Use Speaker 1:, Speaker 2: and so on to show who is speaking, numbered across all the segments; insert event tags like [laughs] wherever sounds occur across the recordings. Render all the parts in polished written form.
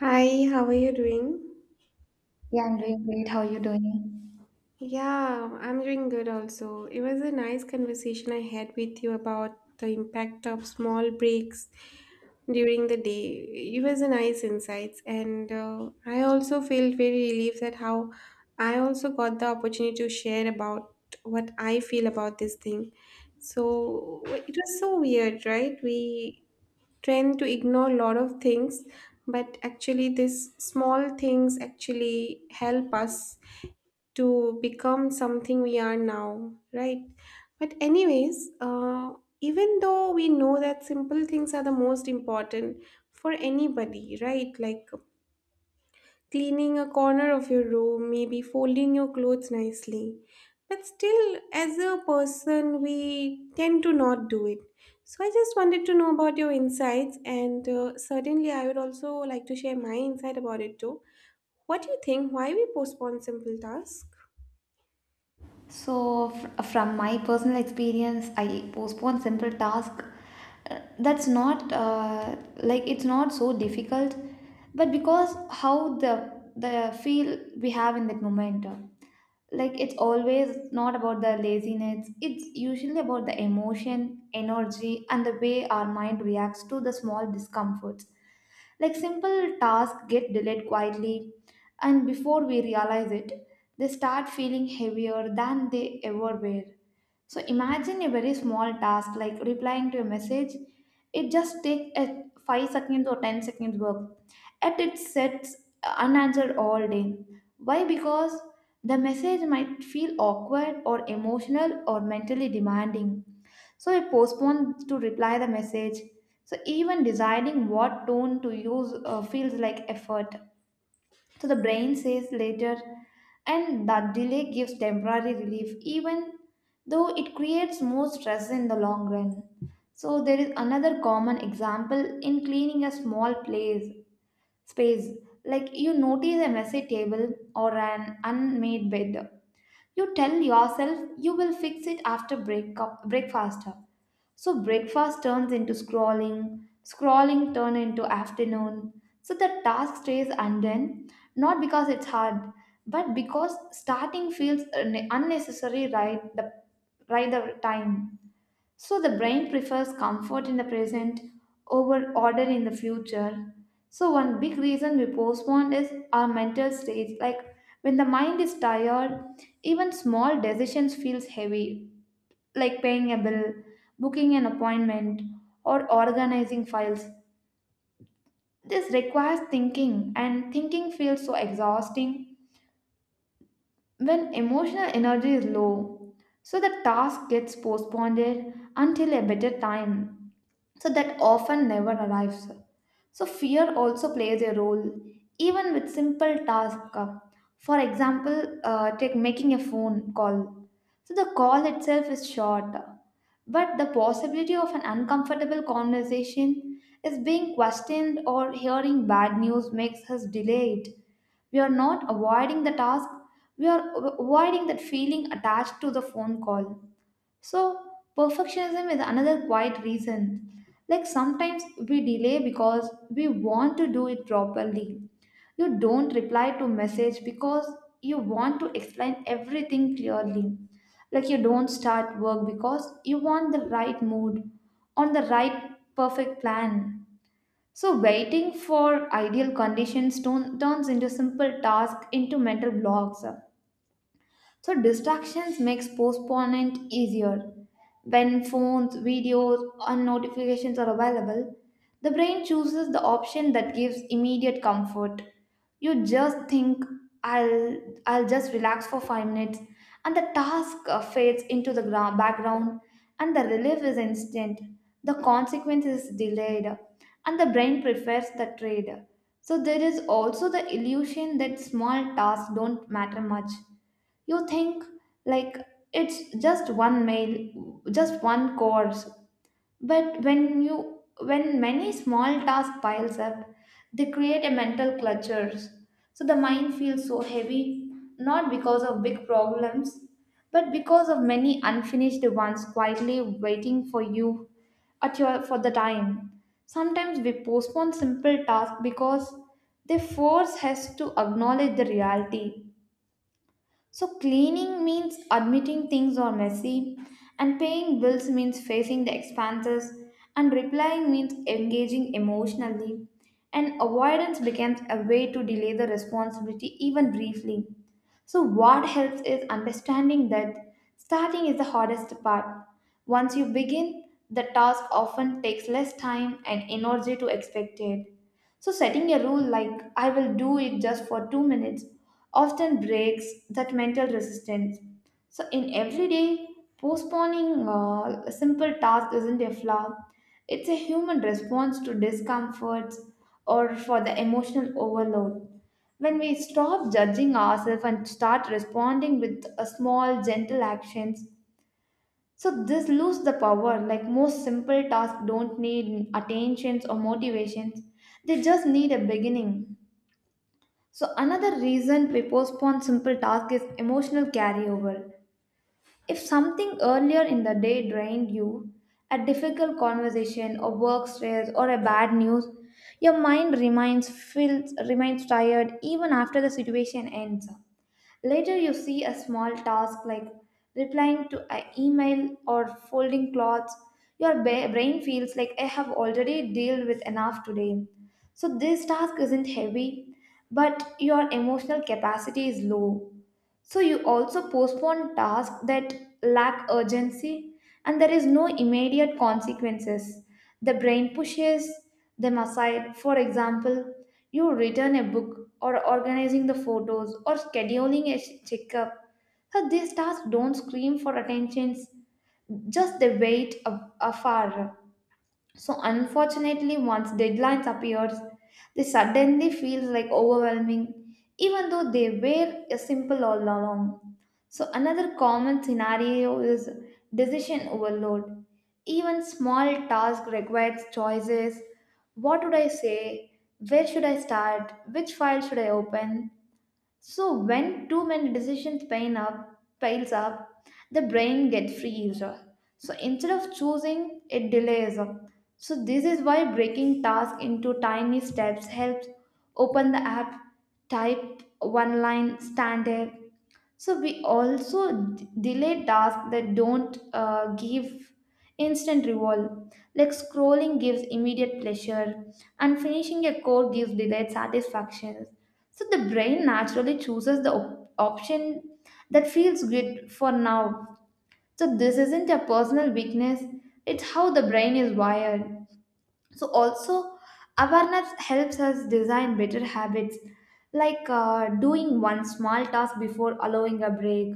Speaker 1: Hi, how are you doing?
Speaker 2: Yeah, I'm doing great. How are you doing?
Speaker 1: Yeah, I'm doing good also. It was a nice conversation I had with you about the impact of small breaks during the day. It was a nice insights, and I also felt very relieved that how I also got the opportunity to share about what I feel about this thing. So it was so weird, right? We trend to ignore a lot of things, but actually these small things actually help us to become something we are now, right? But anyways, even though we know that simple things are the most important for anybody, right, like cleaning a corner of your room, maybe folding your clothes nicely. But still, as a person, we tend to not do it. So I just wanted to know about your insights, and certainly I would also like to share my insight about it too. What do you think? Why we postpone simple tasks?
Speaker 2: So, from my personal experience, I postpone simple task. That's not like it's not so difficult, but because how the feel we have in that moment, like it's always not about the laziness. It's usually about the emotion, energy, and the way our mind reacts to the small discomforts. Like simple tasks get delayed quietly, and before we realize it, they start feeling heavier than they ever were. So imagine a very small task like replying to a message. It just takes a 5 seconds or 10 seconds work. Yet it sits unanswered all day. Why? Because the message might feel awkward or emotional or mentally demanding. So I postponed to reply the message. So even deciding what tone to use feels like effort. So the brain says later, and that delay gives temporary relief, even though it creates more stress in the long run. So there is another common example in cleaning a small place space. Like you notice a messy table or an unmade bed, you tell yourself you will fix it after breakfast. So breakfast turns into scrolling, scrolling turn into afternoon. So the task stays undone, not because it's hard, but because starting feels unnecessary right the time. So the brain prefers comfort in the present over order in the future. So one big reason we postpone is our mental state. Like when the mind is tired, even small decisions feels heavy, like paying a bill, booking an appointment, or organizing files. This requires thinking, and thinking feels so exhausting when emotional energy is low, so the task gets postponed until a better time, so that often never arrives. So fear also plays a role even with simple tasks. For example, take making a phone call. So the call itself is short, but the possibility of an uncomfortable conversation is being questioned or hearing bad news makes us delay it. We are not avoiding the task, we are avoiding that feeling attached to the phone call. So, perfectionism is another quiet reason. Like sometimes we delay because we want to do it properly. You don't reply to message because you want to explain everything clearly. Like you don't start work because you want the right mood on the right perfect plan. So waiting for ideal conditions turns into simple task into mental blocks. So distractions makes postponement easier. When phones, videos, and notifications are available, the brain chooses the option that gives immediate comfort. You just think I'll I'll just relax for 5 minutes and the task fades into the background and the relief is instant. The consequence is delayed and the brain prefers the trade. So there is also the illusion that small tasks don't matter much. You think like it's just one meal, just one course, but when you, when many small tasks piles up, they create a mental clutters. So the mind feels so heavy, not because of big problems, but because of many unfinished ones quietly waiting for you at your for the time. Sometimes we postpone simple tasks because they force us to acknowledge the reality. So, cleaning means admitting things are messy, and paying bills means facing the expenses, and replying means engaging emotionally. And avoidance becomes a way to delay the responsibility even briefly. So, what helps is understanding that starting is the hardest part. Once you begin, the task often takes less time and energy to expected. So, setting a rule like I will do it just for 2 minutes often breaks that mental resistance. So, in everyday, postponing a simple task isn't a flaw, it's a human response to discomforts or for the emotional overload. When we stop judging ourselves and start responding with a small, gentle actions, so this lose the power. Like most simple tasks don't need attentions or motivations. They just need a beginning. So another reason we postpone simple tasks is emotional carryover. If something earlier in the day drained you, a difficult conversation or work stress or a bad news, your mind remains feels remains tired even after the situation ends. Later, you see a small task like replying to an email or folding clothes. Your brain feels like I have already dealt with enough today. So, this task isn't heavy, but your emotional capacity is low. So you also postpone tasks that lack urgency and there is no immediate consequences. The brain pushes them aside. For example, you return a book or organizing the photos or scheduling a checkup. So these tasks don't scream for attention, just they wait afar. So unfortunately, once deadlines appears, they suddenly feels like overwhelming, even though they were a simple all along. So another common scenario is decision overload. Even small task requires choices. What would I say? Where should I start? Which file should I open? So when too many decisions piles up, the brain gets freezed. So instead of choosing, it delays. So this is why breaking tasks into tiny steps helps. Open the app, type one line, stand there, so we also delay tasks that don't give instant reward. Like scrolling gives immediate pleasure, and finishing a code gives delayed satisfaction. So the brain naturally chooses the option that feels good for now. So this isn't a personal weakness; it's how the brain is wired. So also, awareness helps us design better habits, like doing one small task before allowing a break.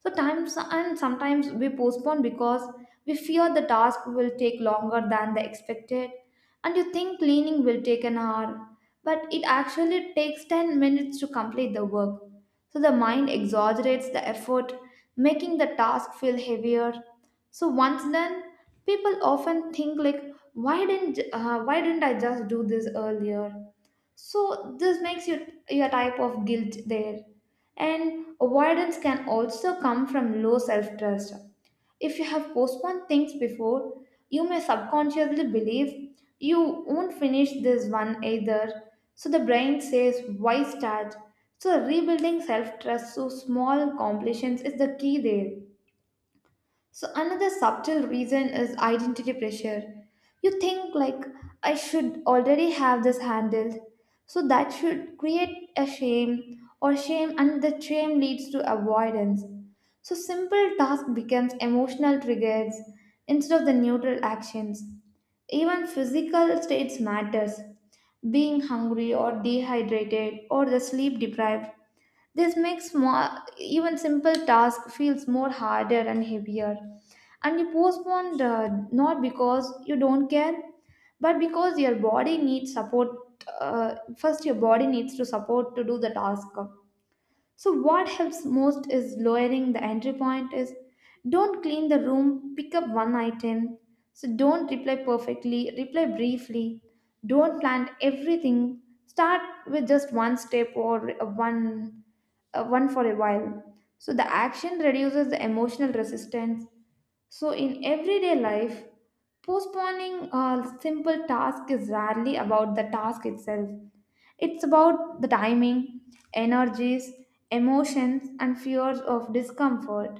Speaker 2: So times and sometimes we postpone because we fear the task will take longer than the expected and you think cleaning will take an hour but it actually takes 10 minutes to complete the work. So the mind exaggerates the effort, making the task feel heavier. So once done, people often think like why didn't I just do this earlier, so this makes you your type of guilt there. And avoidance can also come from low self-trust. If you have postponed things before, you may subconsciously believe you won't finish this one either. So the brain says, why start? So rebuilding self-trust through small completions is the key there. So another subtle reason is identity pressure. You think like I should already have this handled. So that should create a shame or shame, and the shame leads to avoidance. So simple task becomes emotional triggers instead of the neutral actions. Even physical states matters. Being hungry or dehydrated or the sleep deprived, this makes small, even simple task feels more harder and heavier. And you postpone not because you don't care, but because your body needs support. First, your body needs to support to do the task. So what helps most is lowering the entry point is don't clean the room, pick up one item. So don't reply perfectly, reply briefly. Don't plan everything. Start with just one step or a one one for a while. So the action reduces the emotional resistance. So in everyday life, postponing a simple task is rarely about the task itself. It's about the timing, energies, emotions, and fears of discomfort.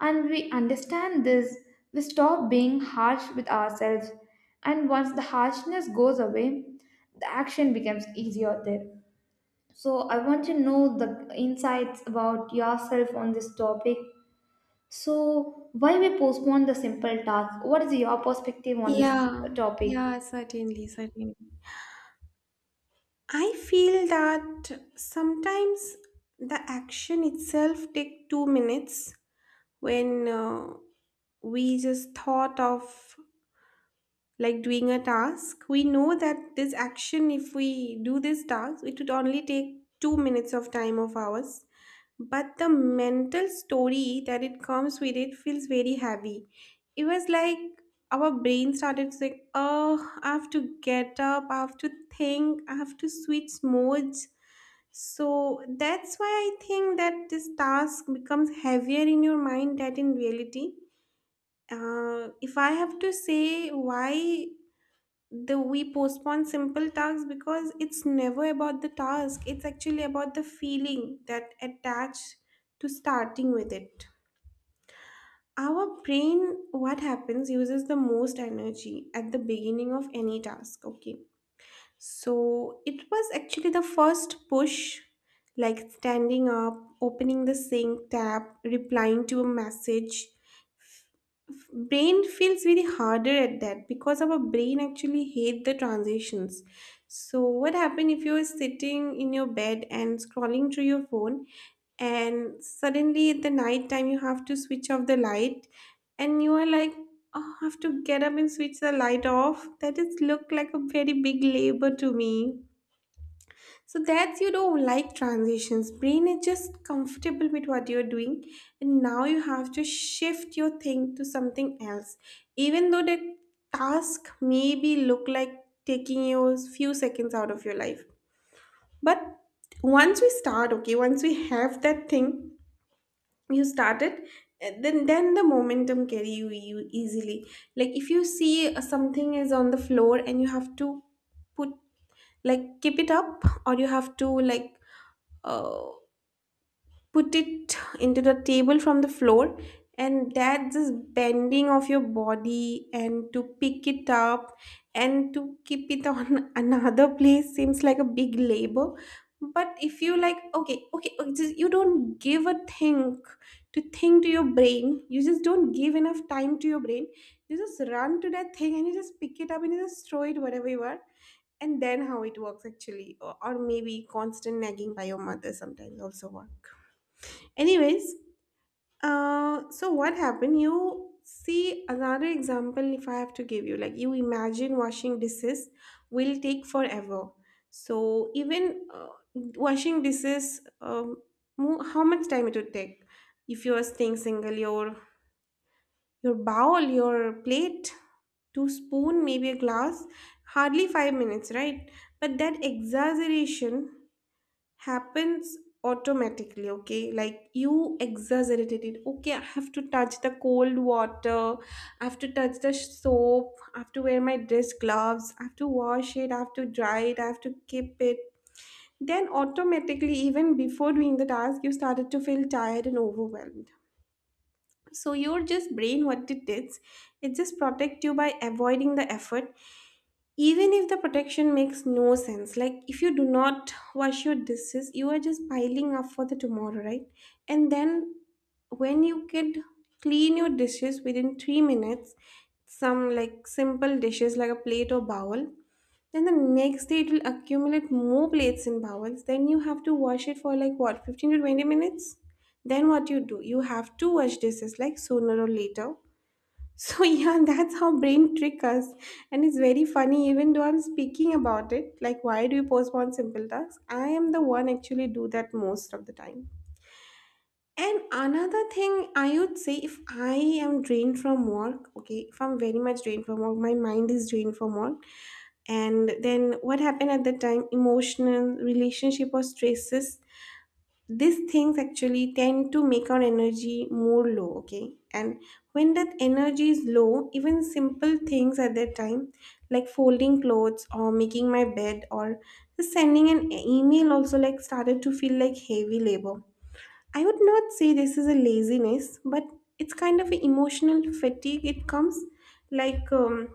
Speaker 2: And we understand this, we stop being harsh with ourselves. And once the harshness goes away, the action becomes easier there. So, I want to know the insights about yourself on this topic. So, why we postpone the simple task? What is your perspective on this
Speaker 1: Yeah,
Speaker 2: topic?
Speaker 1: yeah, certainly, certainly. I feel that sometimes the action itself take 2 minutes when we just thought of like doing a task. We know that this action, if we do this task, it would only take 2 minutes of time of ours. But the mental story that it comes with it feels very heavy. It was like our brain started saying, oh, I have to get up, I have to think, I have to switch modes. So that's why I think that this task becomes heavier in your mind than in reality. If I have to say why the we postpone simple tasks, because it's never about the task. It's actually about the feeling that attached to starting with it. Our brain, what happens, uses the most energy at the beginning of any task. Okay. So it was actually the first push, like standing up, opening the sync tab, replying to a message, brain feels very harder at that because our brain actually hate the transitions. So what happen if you're sitting in your bed and scrolling through your phone and suddenly at the night time you have to switch off the light, and you are like, oh, I have to get up and switch the light off, that is look like a very big labor to me. So that's, like transitions. Brain is just comfortable with what you're doing, and now you have to shift your thing to something else. Even though that task maybe look like taking you a few seconds out of your life. But once we start, okay, once we have that thing, you started, then the momentum carry you easily. Like if you see something is on the floor and you have to put, like keep it up, or you have to like uh, put it into the table from the floor, and that just bending of your body and to pick it up and to keep it on [laughs] another place seems like a big labor. But if you like, okay okay okay, just, you don't give a think to your brain, you just don't give enough time to your brain, you just run to that thing and you just pick it up and you just throw it wherever you are. And then how it works actually, or maybe constant nagging by your mother sometimes also work. Anyways, so what happened, you see another example, if I have to give you, like, you imagine washing dishes will take forever. So even washing dishes, how much time it would take if you are staying single, your bowl, your plate, two spoon, maybe a glass. Hardly 5 minutes, right? But that exaggeration happens automatically, okay? Like you exaggerated it. Okay, I have to touch the cold water, I have to touch the soap, I have to wear my dress gloves, I have to wash it, I have to dry it, I have to keep it. Then automatically, even before doing the task, you started to feel tired and overwhelmed. So your just brain, what it does, it just protect you by avoiding the effort, even if the protection makes no sense. Like if you do not wash your dishes, you are just piling up for the tomorrow, right? And then when you could clean your dishes within 3 minutes, some like simple dishes like a plate or bowl, then the next day it will accumulate more plates and bowls. Then you have to wash it for like what, 15 to 20 minutes. Then what you do, you have to wash dishes like sooner or later. So [laughs] yeah, that's how brain trick us. And it's very funny, even though I'm speaking about it like why do you postpone simple tasks, I am the one actually do that most of the time. And another thing I would say, if I am drained from work, okay, if I'm very much drained from work, my mind is drained from work, and then what happened at the time, emotional, relationship, or stresses, these things actually tend to make our energy more low, okay? And when that energy is low, even simple things at that time, like folding clothes or making my bed or just sending an email also, like started to feel like heavy labor. I would not say this is a laziness, but it's kind of an emotional fatigue. It comes like,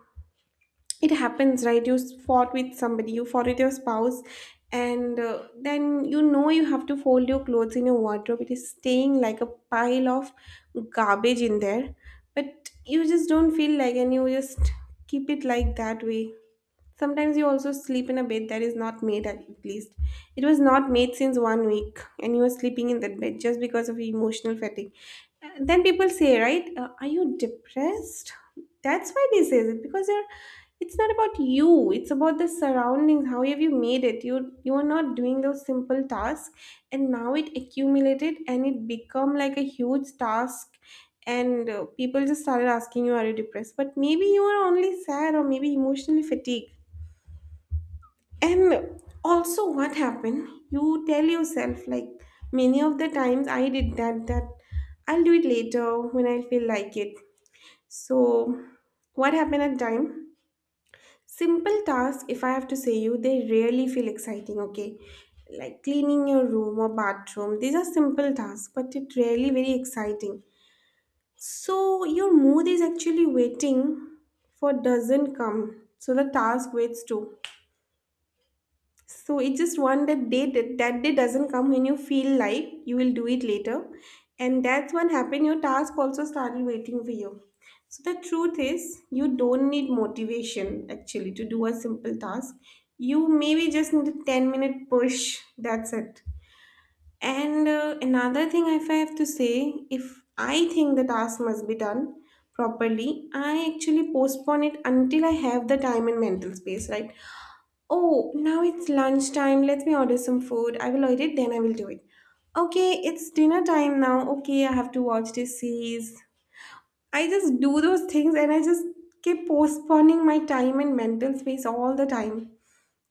Speaker 1: it happens, right? You fought with somebody, you fought with your spouse, and then you have to fold your clothes in your wardrobe, it is staying like a pile of garbage in there, but you just don't feel like, and you just keep it like that way. Sometimes you also sleep in a bed that is not made at least. It was not made since one week and you are sleeping in that bed just because of emotional fatigue. Then people say, right, are you depressed? That's why they say it, because you're, it's not about you, it's about the surroundings, how have you made it. You are not doing those simple tasks, and now it accumulated and it become like a huge task. And people just started asking, you are you depressed? But maybe you are only sad or maybe emotionally fatigued. And also, what happened? You tell yourself, like, many of the times I did that, that I'll do it later when I feel like it. So, what happened at time? Simple tasks, if I have to say you, they really feel exciting, okay? Like cleaning your room or bathroom, these are simple tasks, but it really very exciting. So, your mood is actually waiting for, doesn't come. So, the task waits too. So it's just one that day that, that day doesn't come when you feel like you will do it later. And that's when happen your task also started waiting for you. So the truth is you don't need motivation actually to do a simple task. You maybe just need a 10-minute push. That's it. And another thing if I have to say, if I think the task must be done properly, I actually postpone it until I have the time and mental space, right? Oh, now it's lunchtime. Let me order some food. I will order it, then I will do it. Okay, it's dinner time now. Okay, I have to watch this series. I just do those things and I just keep postponing my time and mental space all the time.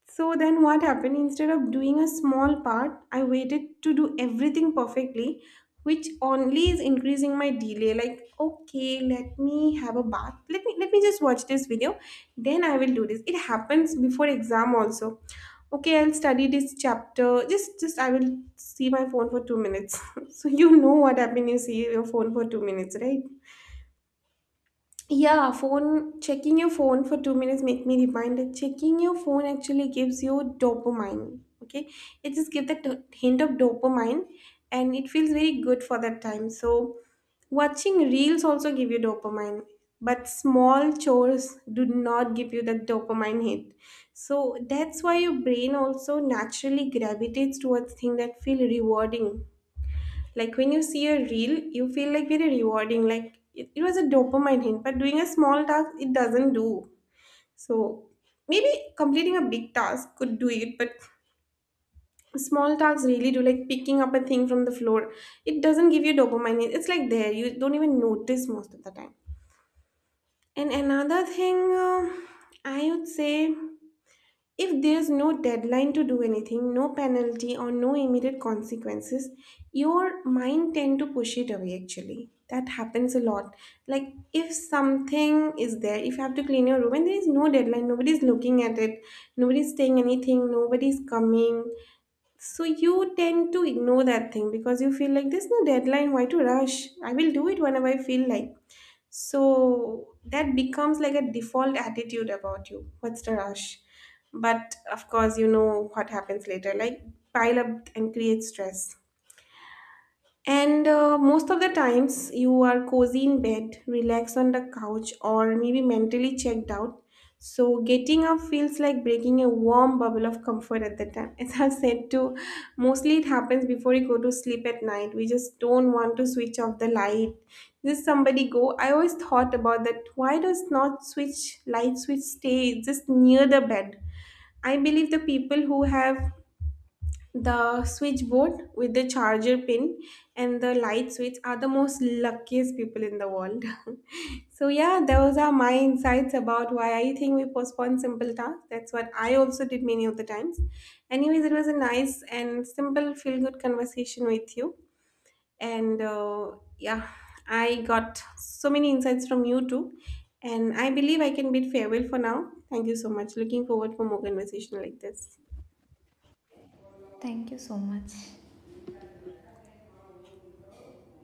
Speaker 1: So then what happened? Instead of doing a small part, I waited to do everything perfectly, which only is increasing my delay. Like, okay, let me have a bath. Let me just watch this video. Then I will do this. It happens before exam also. Okay, I'll study this chapter. Just I will see my phone for 2 minutes. [laughs] So you know what happened, you see your phone for 2 minutes, right? Yeah, phone checking your phone for 2 minutes make me remind that checking your phone actually gives you dopamine. Okay, it just gives that hint of dopamine, and it feels very good for that time. So, watching reels also give you dopamine, but small chores do not give you that dopamine hit. So that's why your brain also naturally gravitates towards things that feel rewarding, like when you see a reel, you feel like very rewarding. Like it was a dopamine hit, but doing a small task, it doesn't do. So maybe completing a big task could do it, but small tasks really do. Like picking up a thing from the floor, it doesn't give you dopamine hit. It's like there, you don't even notice most of the time. And another thing, I would say. If there's no deadline to do anything, no penalty or no immediate consequences, your mind tend to push it away actually. That happens a lot. Like if something is there, if you have to clean your room and there is no deadline, nobody's looking at it, nobody's saying anything, nobody's coming, so you tend to ignore that thing because you feel like there's no deadline, why to rush? I will do it whenever I feel like. So that becomes like a default attitude about you. What's the rush? But of course, you know what happens later, like pile up and create stress. And most of the times, you are cozy in bed, relaxed on the couch, or maybe mentally checked out. So, getting up feels like breaking a warm bubble of comfort at that time. [laughs] As I've said, too, mostly it happens before you go to sleep at night. We just don't want to switch off the light. Just somebody go. I always thought about that. Why does not switch light switch stay just near the bed? I believe the people who have the switchboard with the charger pin and the light switch are the most luckiest people in the world. [laughs] So yeah, those are my insights about why I think we postpone simple tasks. That's what I also did many of the times. Anyways, it was a nice and simple, feel-good conversation with you. And yeah, I got so many insights from you too. And I believe I can bid farewell for now. Thank you so much. Looking forward for more conversation like this.
Speaker 2: Thank you so much.